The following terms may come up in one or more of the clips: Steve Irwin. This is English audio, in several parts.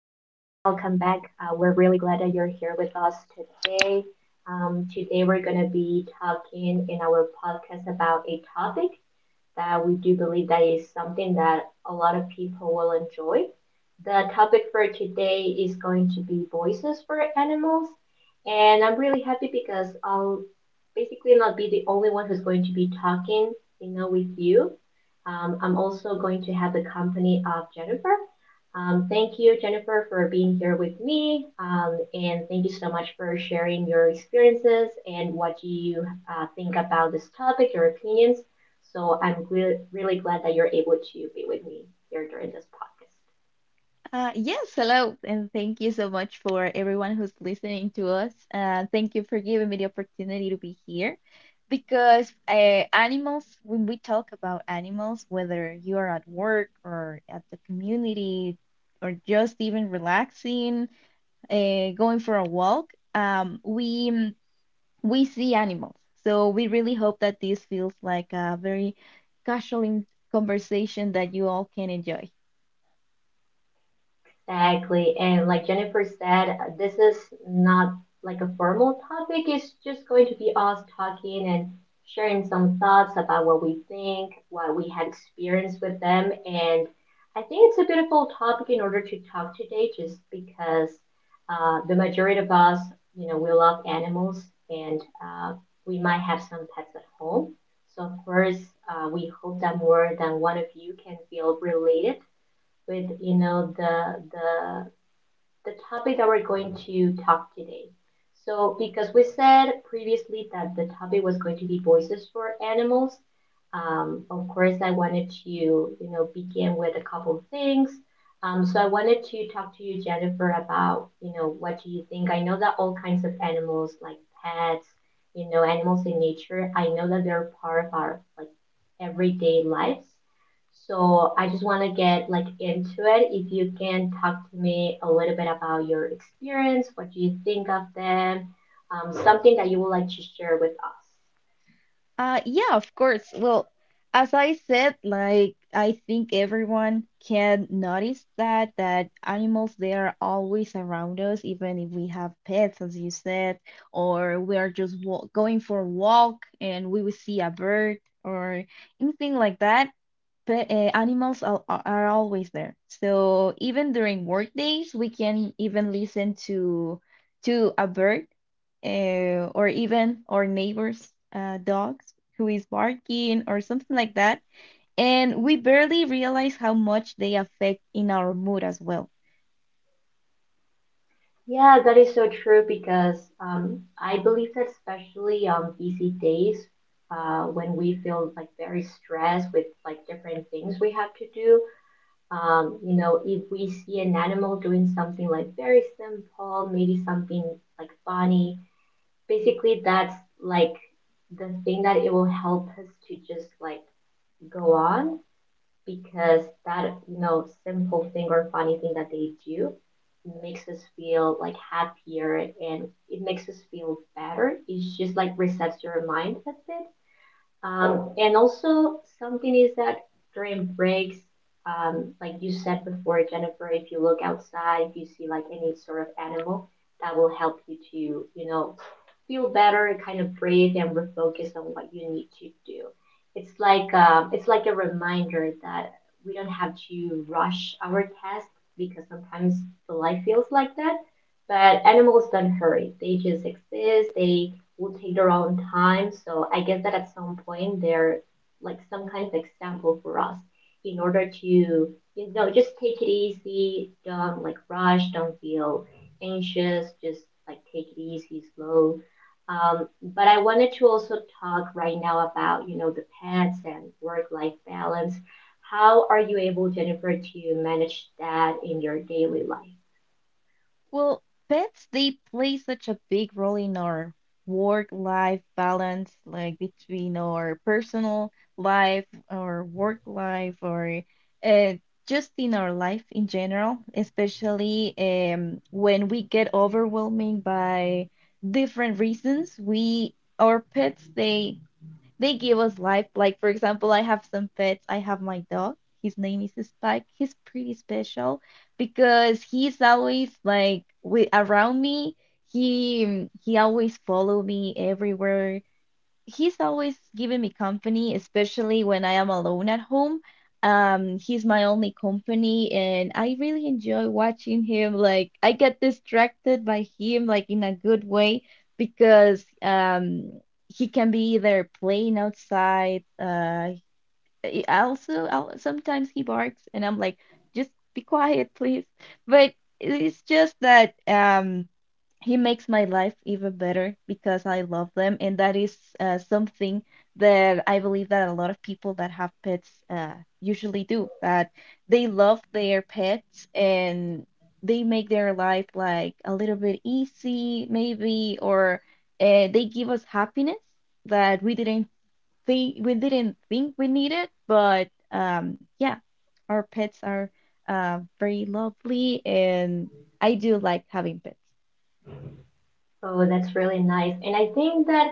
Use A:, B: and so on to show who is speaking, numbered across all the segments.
A: Welcome back. We're really glad that you're here with us today. Today, we're going to be talking in our podcast about a topic that we do believe that is something that a lot of people will enjoy. The topic for today is going to be voices for animals, and I'm really happy because I'll basically not be the only one who's going to be talking with you. I'm also going to have the company of Jennifer. Thank you, Jennifer, for being here with me and thank you so much for sharing your experiences and what you think about this topic, your opinions. So I'm really glad that you're able to be with me here during this podcast.
B: Yes, hello, and thank you so much for everyone who's listening to us. Thank you for giving me the opportunity to be here because animals, when we talk about animals, whether you are at work or at the community or just even relaxing, going for a walk, we see animals. So we really hope that this feels like a very casual conversation that you all can enjoy.
A: Exactly. And like Jennifer said, this is not like a formal topic. It's just going to be us talking and sharing some thoughts about what we think, what we had experienced with them. And I think it's a beautiful topic in order to talk today, just because the majority of us we love animals and we might have some pets at home. So, of course, we hope that more than one of you can feel related with the topic that we're going to talk today. So because we said previously that the topic was going to be voices for animals, of course I wanted to begin with a couple of things. So I wanted to talk to you, Jennifer, about what do you think? I know that all kinds of animals like pets animals in nature. I know that they're part of our like everyday lives. So I just want to get like into it. If you can talk to me a little bit about your experience, what do you think of them, something that you would like to share with us.
B: Yeah, of course. Well, as I said, like I think everyone can notice that animals they are always around us, even if we have pets, as you said, or we are just walk going for a walk and we will see a bird or anything like that. But animals are always there. So even during work days, we can even listen to a bird, or even our neighbors' dogs who is barking or something like that, and we barely realize how much they affect in our mood as well.
A: Yeah, that is so true because I believe that especially on busy days, when we feel like very stressed with like different things we have to do, if we see an animal doing something like very simple, maybe something like funny, basically that's like the thing that it will help us to just like go on because that simple thing or funny thing that they do makes us feel like happier and it makes us feel better. It's just like resets your mind a bit and also something is that during breaks, like you said before, Jennifer, if you look outside, if you see like any sort of animal, that will help you to feel better, kind of breathe and refocus on what you need to do. It's like a reminder that we don't have to rush our tasks because sometimes the life feels like that. But animals don't hurry. They just exist. They will take their own time. So I guess that at some point they're like some kind of example for us in order to just take it easy, don't like rush, don't feel anxious, just like take it easy, slow. Um, but I wanted to also talk right now about the pets and work life balance. How are you able, Jennifer, to manage that in your daily life?
B: Well, pets, they play such a big role in our work-life balance, like between our personal life, our work life, or uh, just in our life in general, especially when we get overwhelming by different reasons. We, our pets, they give us life. Like, for example, I have some pets. I have my dog. His name is Spike. He's pretty special because he's always like with around me. He always follow me everywhere. He's always giving me company, especially when I am alone at home. He's my only company, and I really enjoy watching him. Like, I get distracted by him, like in a good way, because he can be either playing outside. Sometimes he barks, and I'm like, just be quiet, please. But it's just that he makes my life even better because I love them, and that is something that I believe that a lot of people that have pets usually do, that they love their pets and they make their life like a little bit easy, maybe, or they give us happiness that we didn't think we needed, but yeah, our pets are very lovely, and I do like having pets.
A: Oh, that's really nice. And I think that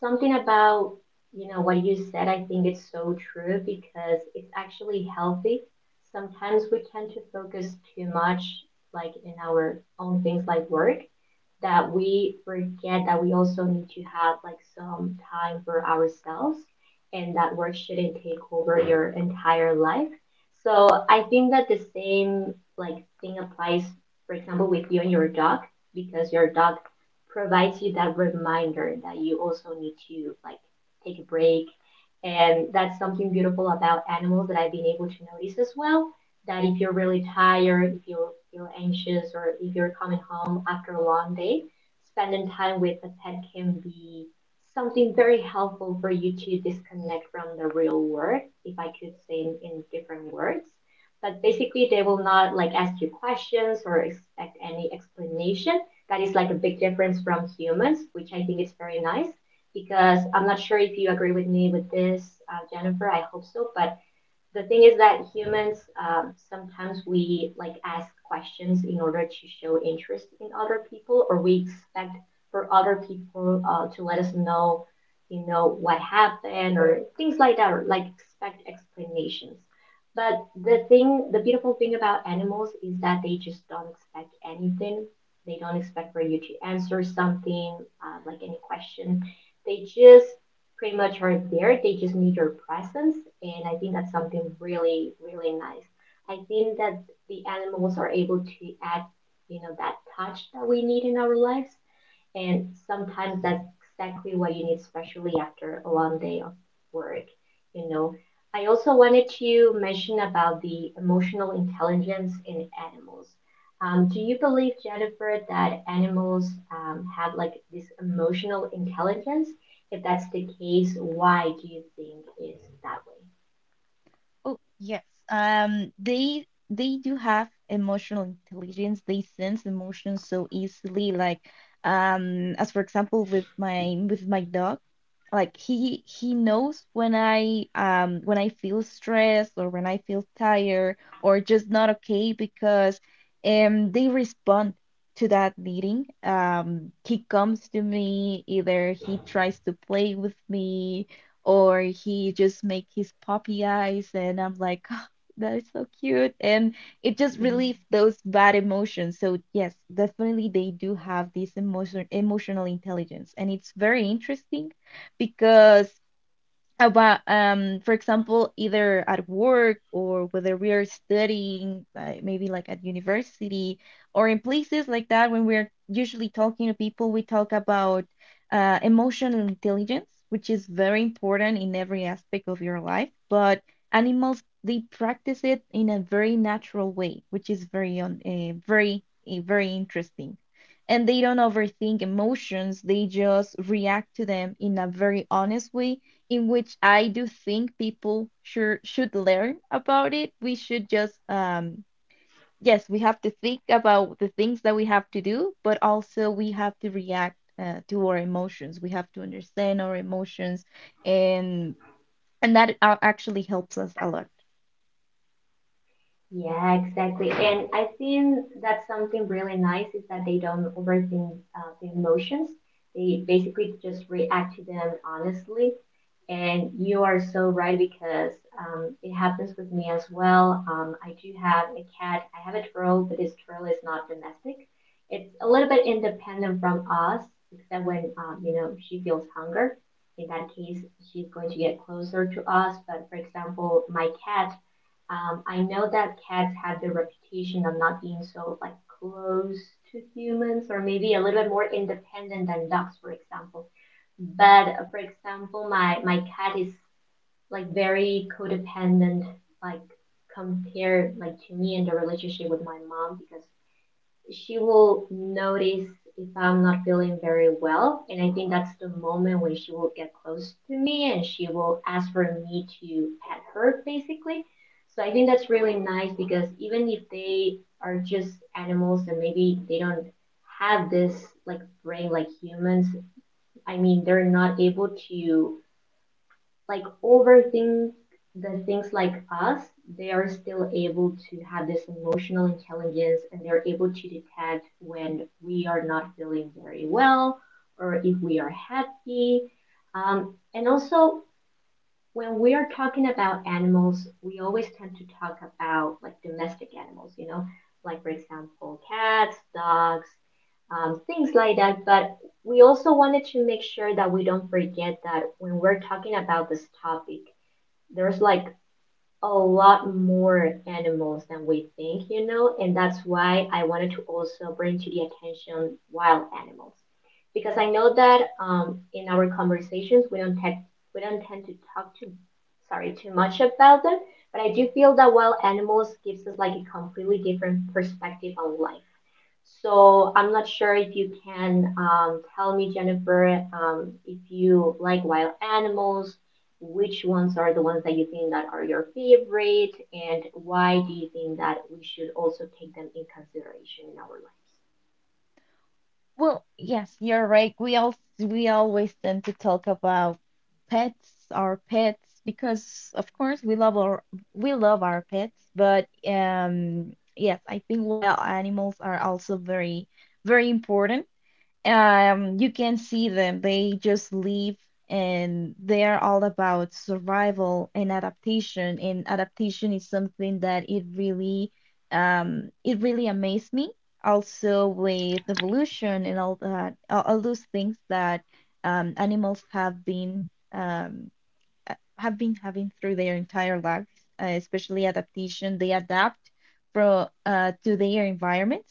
A: something about what you said, I think it's so true because it's actually healthy. Sometimes we tend to focus too much, like in our own things like work, that we forget that we also need to have like some time for ourselves and that work shouldn't take over your entire life. So I think that the same like thing applies, for example, with you and your dog, because your dog provides you that reminder that you also need to like take a break. And that's something beautiful about animals that I've been able to notice as well that if you're really tired, if you feel anxious, or if you're coming home after a long day, spending time with a pet can be something very helpful for you to disconnect from the real world, if I could say in, different words. But basically, they will not like ask you questions or expect any explanation. That is like a big difference from humans, which I think is very nice because I'm not sure if you agree with me with this, Jennifer. I hope so, but the thing is that humans sometimes we like ask questions in order to show interest in other people or we expect for other people to let us know what happened or things like that or like expect explanations but the beautiful thing about animals is that they just don't expect anything. They don't expect for you to answer something, like any question. They just pretty much are there. They just need your presence, and I think that's something really, really nice. I think that the animals are able to add that touch that we need in our lives. And sometimes that's exactly what you need, especially after a long day of work, you know. I also wanted to mention about the emotional intelligence in animals. Do you believe, Jennifer, that animals have like this emotional intelligence? If that's the case, why do you think it's that
B: Oh, yes. They do have emotional intelligence. They sense emotions so easily. Like, as for example, with my dog, like he knows when I feel stressed or when I feel tired or just not okay because they respond to that needing. He comes to me, either he tries to play with me, or he just make his puppy eyes, and I'm like, oh, that is so cute, and it just
A: way?
B: relieves those bad emotions. So yes, definitely they do have this emotional intelligence, and it's very interesting because about, for example, either at work or whether we are studying, maybe like at university or in places like that, when we're usually talking to people we talk about emotional intelligence, which is very important in every aspect of your life. But animals, they practice it in a very natural way, which is very on, very, very interesting. And they don't overthink emotions, they just react to them in a very honest way, in which I do think people should learn about it. We should just, yes, we have to think about the things that we have to do, but also we have to react, to our emotions. We have to understand our emotions, and and that actually helps us a lot.
A: Yeah, exactly. And I think that's something really nice is that they don't overthink the emotions. They basically just react to them honestly. And you are so right because it happens with me as well. I do have a cat. I have a turtle, but this turtle is not domestic. It's a little bit independent from us, except when she feels hunger. In that case, she's going to get closer to us. But for example, my cat, I know that cats have the reputation of not being so like close to humans, or maybe a little bit more independent than dogs, for example. But for example, my cat is like very codependent, like compared like to me in the relationship with my mom because she will notice if I'm not feeling very well. And I think that's the moment when she will get close to me and she will ask for me to pet her, basically. So I think that's really nice because even if they are just animals and maybe they don't have this like brain like humans, I mean, they're not able to like overthink the things like us, they are still able to have this emotional intelligence and they're able to detect when we are not feeling very well or if we are happy. And also, when we are talking about animals, we always tend to talk about like domestic animals, you know, like for example, cats, dogs, things like that. But we also wanted to make sure that we don't forget that when we're talking about this topic, there's like a lot more animals than we think, and that's why I wanted to also bring to the attention wild animals. Because I know that in our conversations we don't tend to talk too much about them, but I do feel that wild animals gives us like a completely different perspective on life. So I'm not sure if you can, tell me, Jennifer, if you like wild animals, which ones are the ones that you think that are your favorite, and why do you think that we should also take them in consideration in our
B: Well, yes, you're right. We always tend to talk about pets, our pets, because of course we love our pets, but yes, I think wild animals are also very, very important. You can see them. They just live and they're all about survival and adaptation. And adaptation is something that it really amazed me. Also with evolution and all those things that animals have been having through their entire lives, especially adaptation. They adapt from to their environment.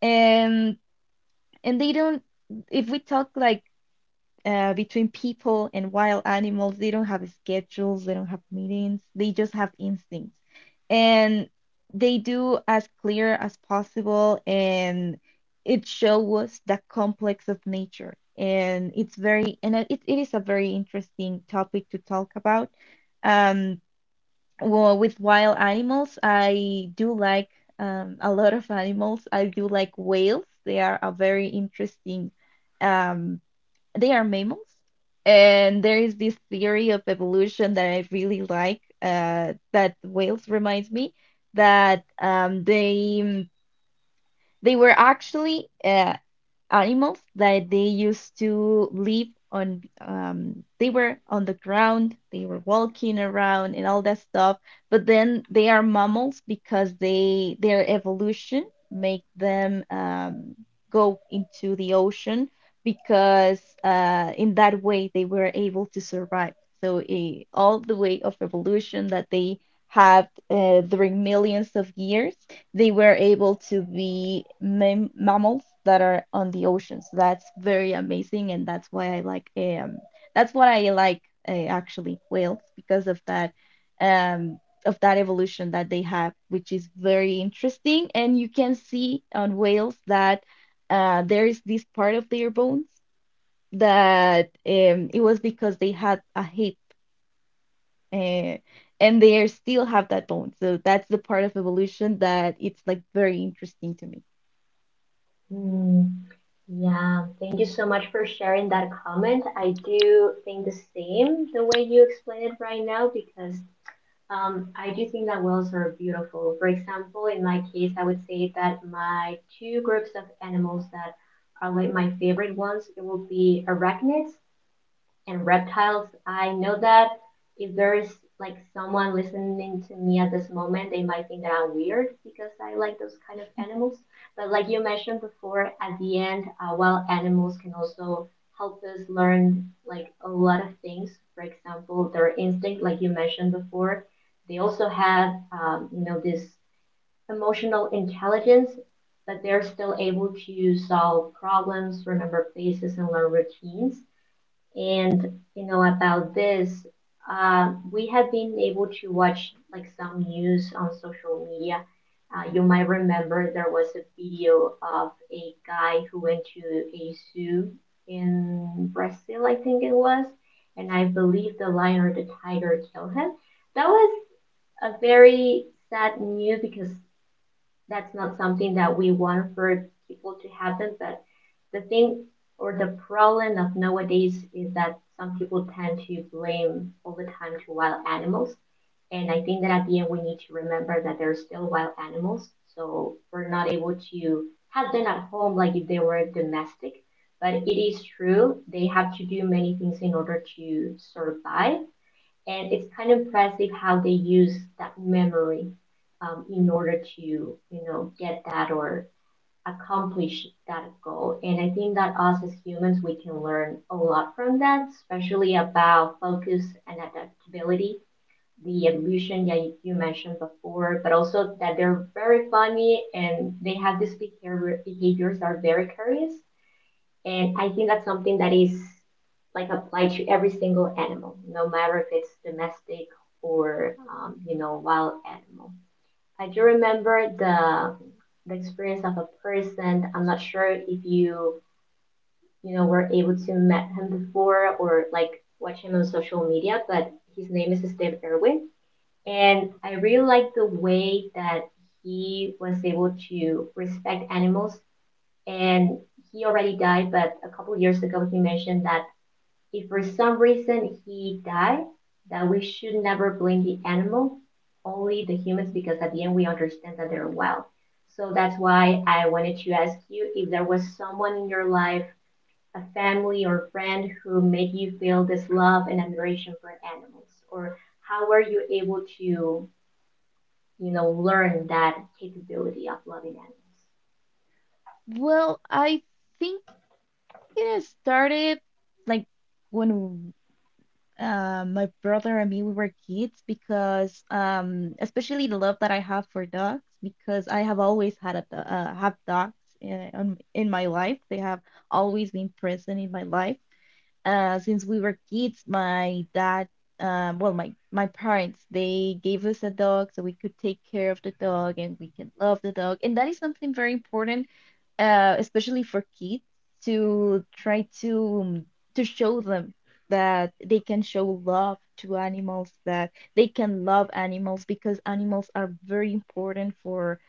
B: And and they don't if we talk like, between people and wild animals, they don't have schedules, they don't have meetings, they just have instincts, and they do as clear as possible, and it shows us the complex of nature. And it's very, and it is a very interesting topic to talk about. um well, with wild animals, I do like, a lot of animals. I do like whales. They are a very interesting, um, they are mammals. And there is this theory of evolution that I really like, that whales reminds me that, they were actually, animals that they used to live on. They were on the ground, they were walking around and all that stuff. But then they are mammals because they their evolution make them, go into the ocean because, in that way they were able to survive. So, all the way of evolution that they have, during millions of years, they were able to be mammals that are on the ocean. So that's very amazing, and that's what I like, actually, whales because um of that evolution that they have, which is very interesting. And you can see on whales that, there is this part of their bones that, it was because they had a hip, uh, and they are still have that bone. So that's the part of evolution that it's like very interesting to me.
A: lives? Hmm. Yeah, thank you so much for sharing that comment. I do think the same the way you explain it right now because I do think that whales are beautiful. For example, in my case, I would say that my two groups of animals that are like my favorite ones, it will be arachnids and reptiles. I know that if there's like someone listening to me at this moment, they might think that I'm weird because I like those kind of animals. But like you mentioned before, at the end, wild animals can also help us learn like a lot of things. For example, their instinct, like you mentioned before, they also have this emotional intelligence, but they're still able to solve problems, remember faces, and learn routines. And you know about this, we have been able to watch like some news on social media. You might remember there was a video of a guy who went to a zoo in Brazil, I think it was, and I believe the lion or the tiger killed him. That was a very sad news because that's not something that we want for people to happen, but the thing or the problem of nowadays is that some people tend to blame all the time to wild animals. And I think that at the end we need to remember that they're still wild animals, so we're not able to have them at home like if they were domestic. But it is true they have to do many things in order to survive, and it's kind of impressive how they use that memory in order to get that or accomplish that goal. And I think that us as humans we can learn a lot from that, especially about focus and adaptability, the evolution that you mentioned before, but also that they're very funny and they have these behaviors that are very curious. And I think that's something that is like applied to every single animal, no matter if it's domestic or wild animal. I do remember the experience of a person. I'm not sure if you you know were able to met him before or like watch him on social media, but his name is Steve Irwin, and I really like the way that he was able to respect animals. And he already died, but a couple years ago he mentioned that if for some reason he died, that we should never blame the animal, only the humans, because at the end we understand that they're wild. So that's why I wanted to ask you if there was someone in your life, a family or friend, who made you feel this love and admiration for animals, or how were you able to learn that capability of loving animals?
B: Well, I think it started like when, my brother and me we were kids because, especially the love that I have for dogs, because I have always had have dogs in my life. They have always been present in my life. Since we were kids, my dad, well, my parents, they gave us a dog so we could take care of the dog and we can love the dog, and that is something very important, especially for kids to try to, to show them that they can show love to animals, that they can love animals because animals are very important for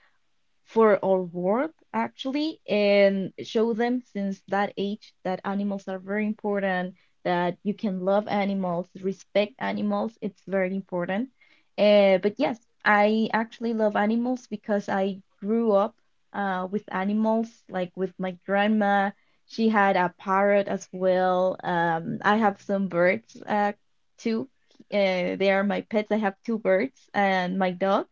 B: for our world, actually. And show them since that age that animals are very important, that you can love animals, respect animals. It's very important, but yes, I actually love animals because I grew up, with animals. Like with my grandma, she had a parrot as well. I have some birds, too, they are my pets. I have 2 birds and my dog.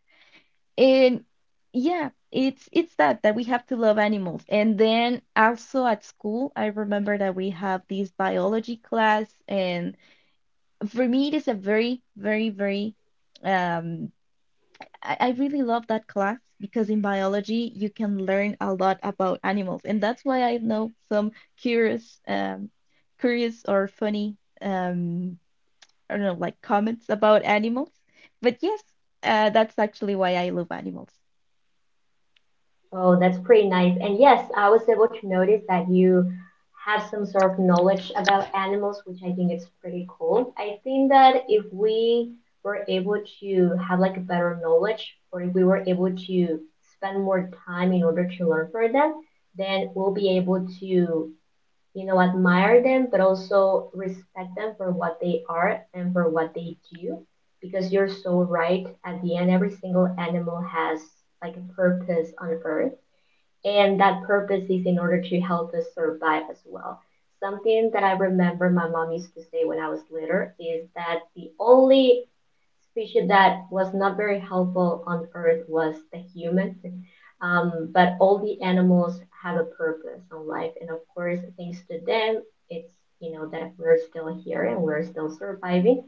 B: And yeah, it's that that we have to love animals. And then also at school, I remember that we have this biology class, and for me it is a very, very, very, um I really love that class because in biology you can learn a lot about animals, and that's why I know some curious um curious or funny, I don't know, like, comments about animals. But yes, that's actually why I love animals.
A: Oh, that's pretty nice. And yes, I was able to notice that you have some sort of knowledge about animals, which I think is pretty cool. I think that if we were able to have like a better knowledge, or if we were able to spend more time in order to learn from them, then we'll be able to admire them, but also respect them for what they are and for what they do. Because you're so right. At the end, every single animal has like a purpose on earth, and that purpose is in order to help us survive as well. Something that I remember my mom used to say when I was little is that the only species that was not very helpful on Earth was the human. But all the animals have a purpose on life, and of course, thanks to them, it's that we're still here and we're still surviving.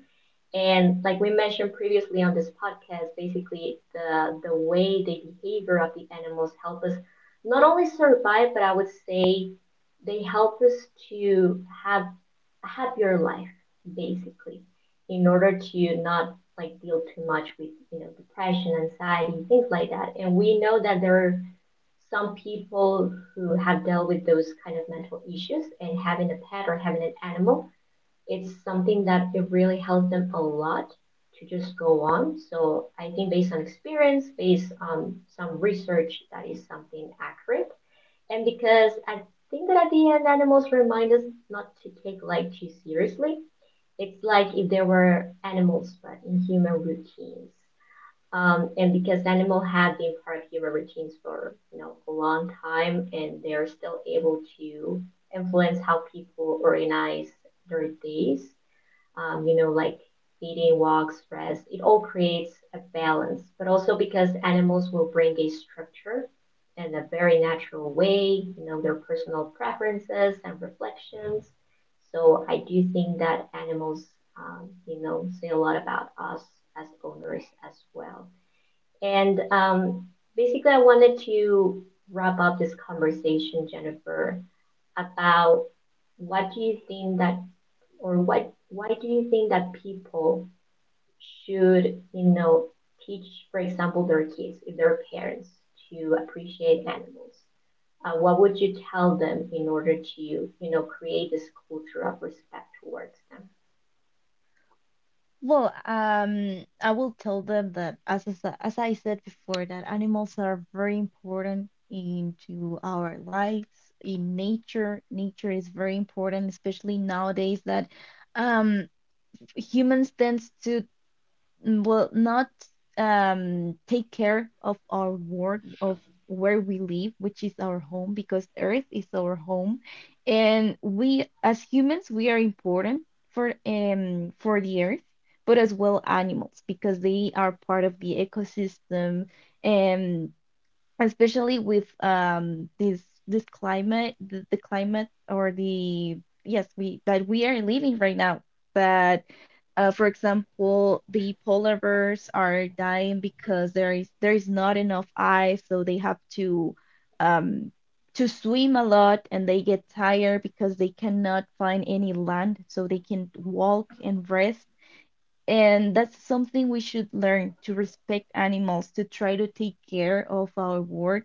A: And like we mentioned previously on this podcast, basically the way the behavior of the animals help us not only survive, but I would say they help us to have a happier life, basically, in order to not like deal too much with depression, anxiety, things like that. And we know that there are some people who have dealt with those kind of mental issues, and having a pet or having an animal, it's something that it really helped them a lot to just go on. So I think based on experience, based on some research, that is something accurate. And because I think that at the end, animals remind us not to take life too seriously. It's like if there were animals, but in human routines. And because animal had been part of human routines for a long time, and they're still able to influence how people organize their days, like eating, walks, rest. It all creates a balance, but also because animals will bring a structure and a very natural way, their personal preferences and reflections. So I do think that animals, say a lot about us as owners as well. And basically, I wanted to wrap up this conversation, Jennifer, about what do you think that or what why do you think that people should teach, for example, their kids if their parents to appreciate animals. What would you tell them in order to create this culture of respect towards them?
B: Well, I will tell them that, as I said before, that animals are very important into our lives in nature. Nature is very important, especially nowadays that, um humans tends to, will not, take care of our world, of where we live, which is our home, because Earth is our home, and we as humans we are important for the Earth, but as well animals, because they are part of the ecosystem, and especially with, this climate, the climate or the, yes we that we are living right now, that, for example, the polar bears are dying because there is not enough ice, so they have to, um to swim a lot, and they get tired because they cannot find any land so they can walk and rest. And that's something we should learn, to respect animals, to try to take care of our world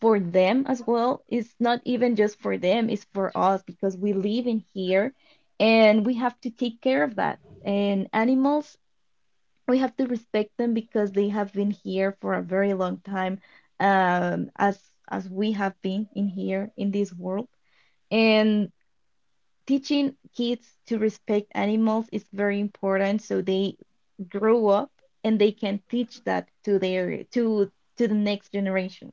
B: for them as well. It's not even just for them, it's for us because we live in here and we have to take care of that. And animals, we have to respect them because they have been here for a very long time, um, as as we have been in here in this world. And teaching kids to respect animals is very important so they grow up and they can teach that to the next generation.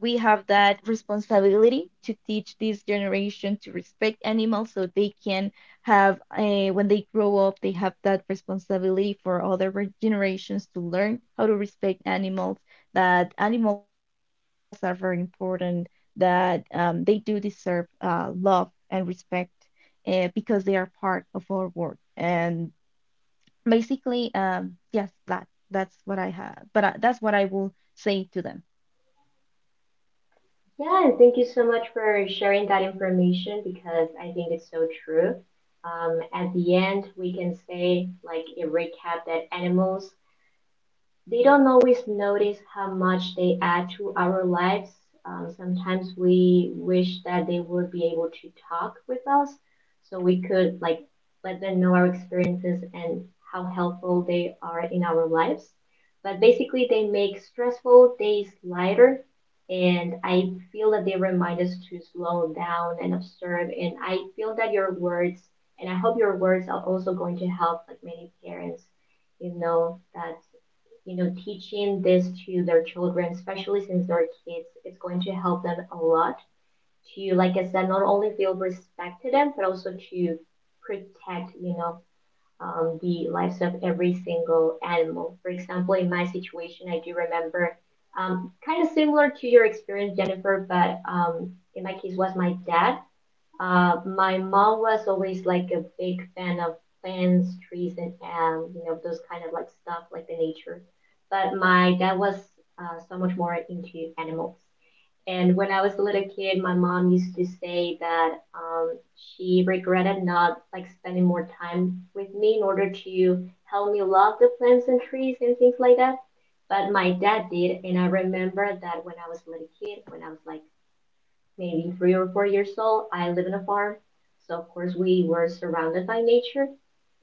B: We have that responsibility to teach this generation to respect animals so they can have when they grow up they have that responsibility for other generations to learn how to respect animals, that animals are very important, that, they do deserve, love and respect, because they are part of our world. And basically, yes, that's what I have. But that's what I will say to them.
A: Yeah, and thank you so much for sharing that information, because I think it's so true. At the end, we can say like a recap that animals, they don't always notice how much they add to our lives. Sometimes we wish that they would be able to talk with us so we could like let them know our experiences and how helpful they are in our lives. But basically, they make stressful days lighter. And I feel that they remind us to slow down and observe. And I feel that your words, and I hope your words are also going to help like many parents, that teaching this to their children, especially since they're kids, it's going to help them a lot to, like I said, not only feel respect to them, but also to protect, the lives of every single animal. For example, in my situation, I do remember, kind of similar to your experience, Jennifer, but in my case was my dad. My mom was always like a big fan of plants, trees, and those kind of like stuff, like the nature. But my dad was, so much more into animals. And when I was a little kid, my mom used to say that um, she regretted not like spending more time with me in order to help me love the plants and trees and things like that. But my dad did, and I remember that when I was a little kid, when I was like maybe 3 or 4 years old. I live in a farm, so of course we were surrounded by nature.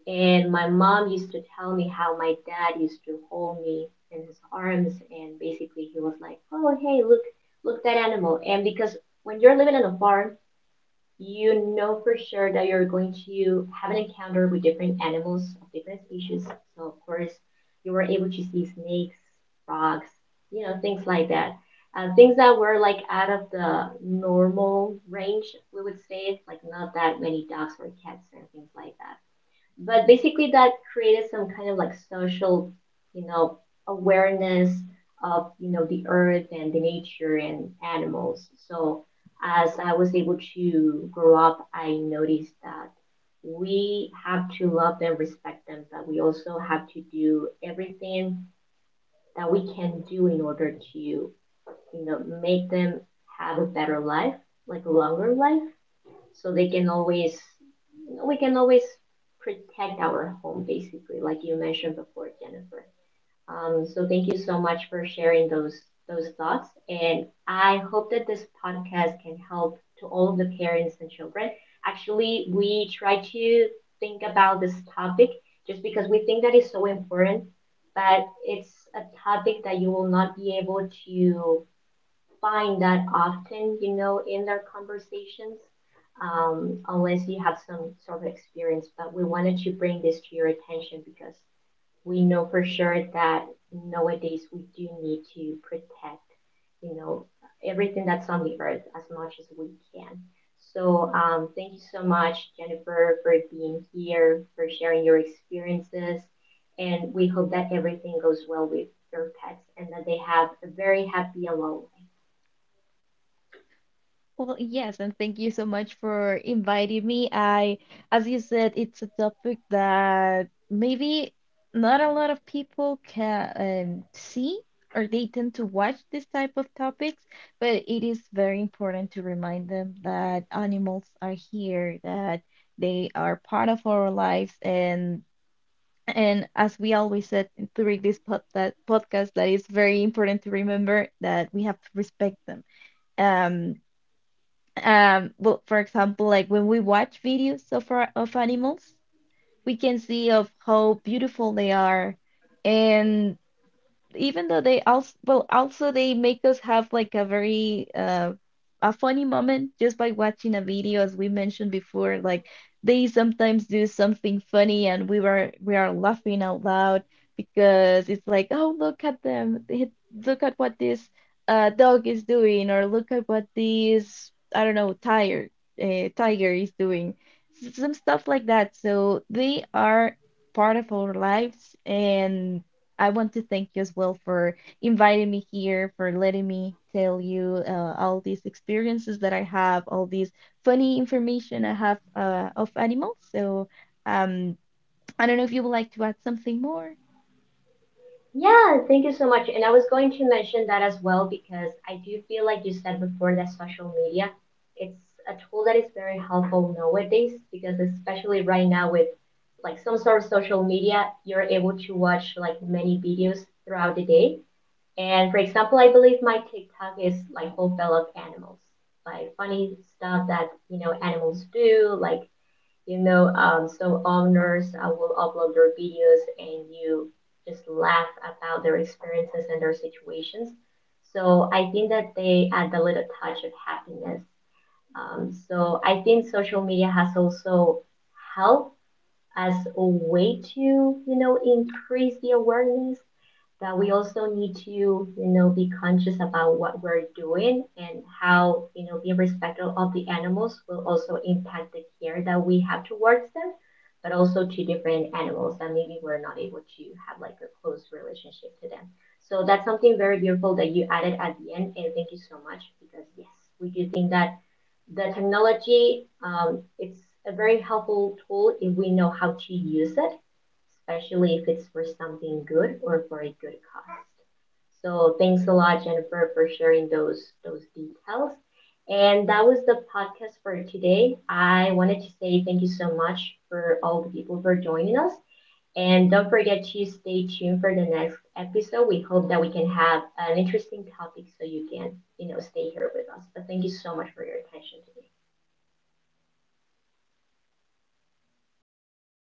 A: And my mom used to tell me how my dad used to hold me in his arms, and basically he was like, "Oh, hey, look, look that animal." And because when you're living in a farm, you know for sure that you're going to have an encounter with different animals of different species. So of course, you were able to see snakes, frogs, things like that. Things that were like out of the normal range, we would say, like not that many dogs or cats and things like that. But basically that created some kind of like social you know awareness of the earth and the nature and animals. So as I was able to grow up, I noticed that we have to love them, respect them, but we also have to do everything that we can do in order to know make them have a better life, like a longer life, so they can always we can always protect our home, basically, like you mentioned before, Jennifer. So thank you so much for sharing those thoughts, and I hope that this podcast can help to all of the parents and children. Actually, we try to think about this topic just because we think that is so important, but it's a topic that you will not be able to find that often, in their conversations, unless you have some sort of experience. But we wanted to bring this to your attention because we know for sure that nowadays we do need to protect, you know, everything that's on the earth as much as we can. So thank you so much, Jennifer, for being here, for sharing your experiences, and we hope that everything goes well with your pets and that they have a very happy and long life.
B: Well, yes, and thank you so much for inviting me. As you said, it's a topic that maybe not a lot of people can, see or they tend to watch this type of topics, but it is very important to remind them that animals are here, that they are part of our lives, and. And as we always said during that podcast, that it's very important to remember that we have to respect them. Um, well, for example, like when we watch videos of of animals, we can see of how beautiful they are, and even though they also well, also, they make us have like a funny moment just by watching a video, as we mentioned before, like they sometimes do something funny and we are laughing out loud because it's like, oh, look at them. Look at what this, dog is doing, or look at what this, I don't know, tiger, tiger is doing. Some stuff like that, so they are part of our lives, and I want to thank you as well for inviting me here, for letting me tell you, all these experiences that I have, all these funny information I have, of animals. So, um, I don't know if you would like to add something more.
A: Yeah, thank you so much. And I was going to mention that as well, because I do feel, like you said before, that social media, it's a tool that is very helpful nowadays, because especially right now with like some sort of social media, you're able to watch like many videos throughout the day. And for example, I believe my TikTok is like full of animals, like funny stuff that, animals do, like some owners will upload their videos and you just laugh about their experiences and their situations. So I think that they add a little touch of happiness. So I think social media has also helped as a way to, increase the awareness that we also need to be conscious about what we're doing, and how being respectful of the animals will also impact the care that we have towards them, but also to different animals that maybe we're not able to have like a close relationship to them. So that's something very beautiful that you added at the end, and thank you so much, because yes, we do think that the technology, it's a very helpful tool if we know how to use it, especially if it's for something good or for a good cause. So thanks a lot, Jennifer, for sharing those details. And that was the podcast for today. I wanted to say thank you so much for all the people for joining us. And don't forget to stay tuned for the next episode. We hope that we can have an interesting topic so you can, you know, stay here with us. But thank you so much for your attention today.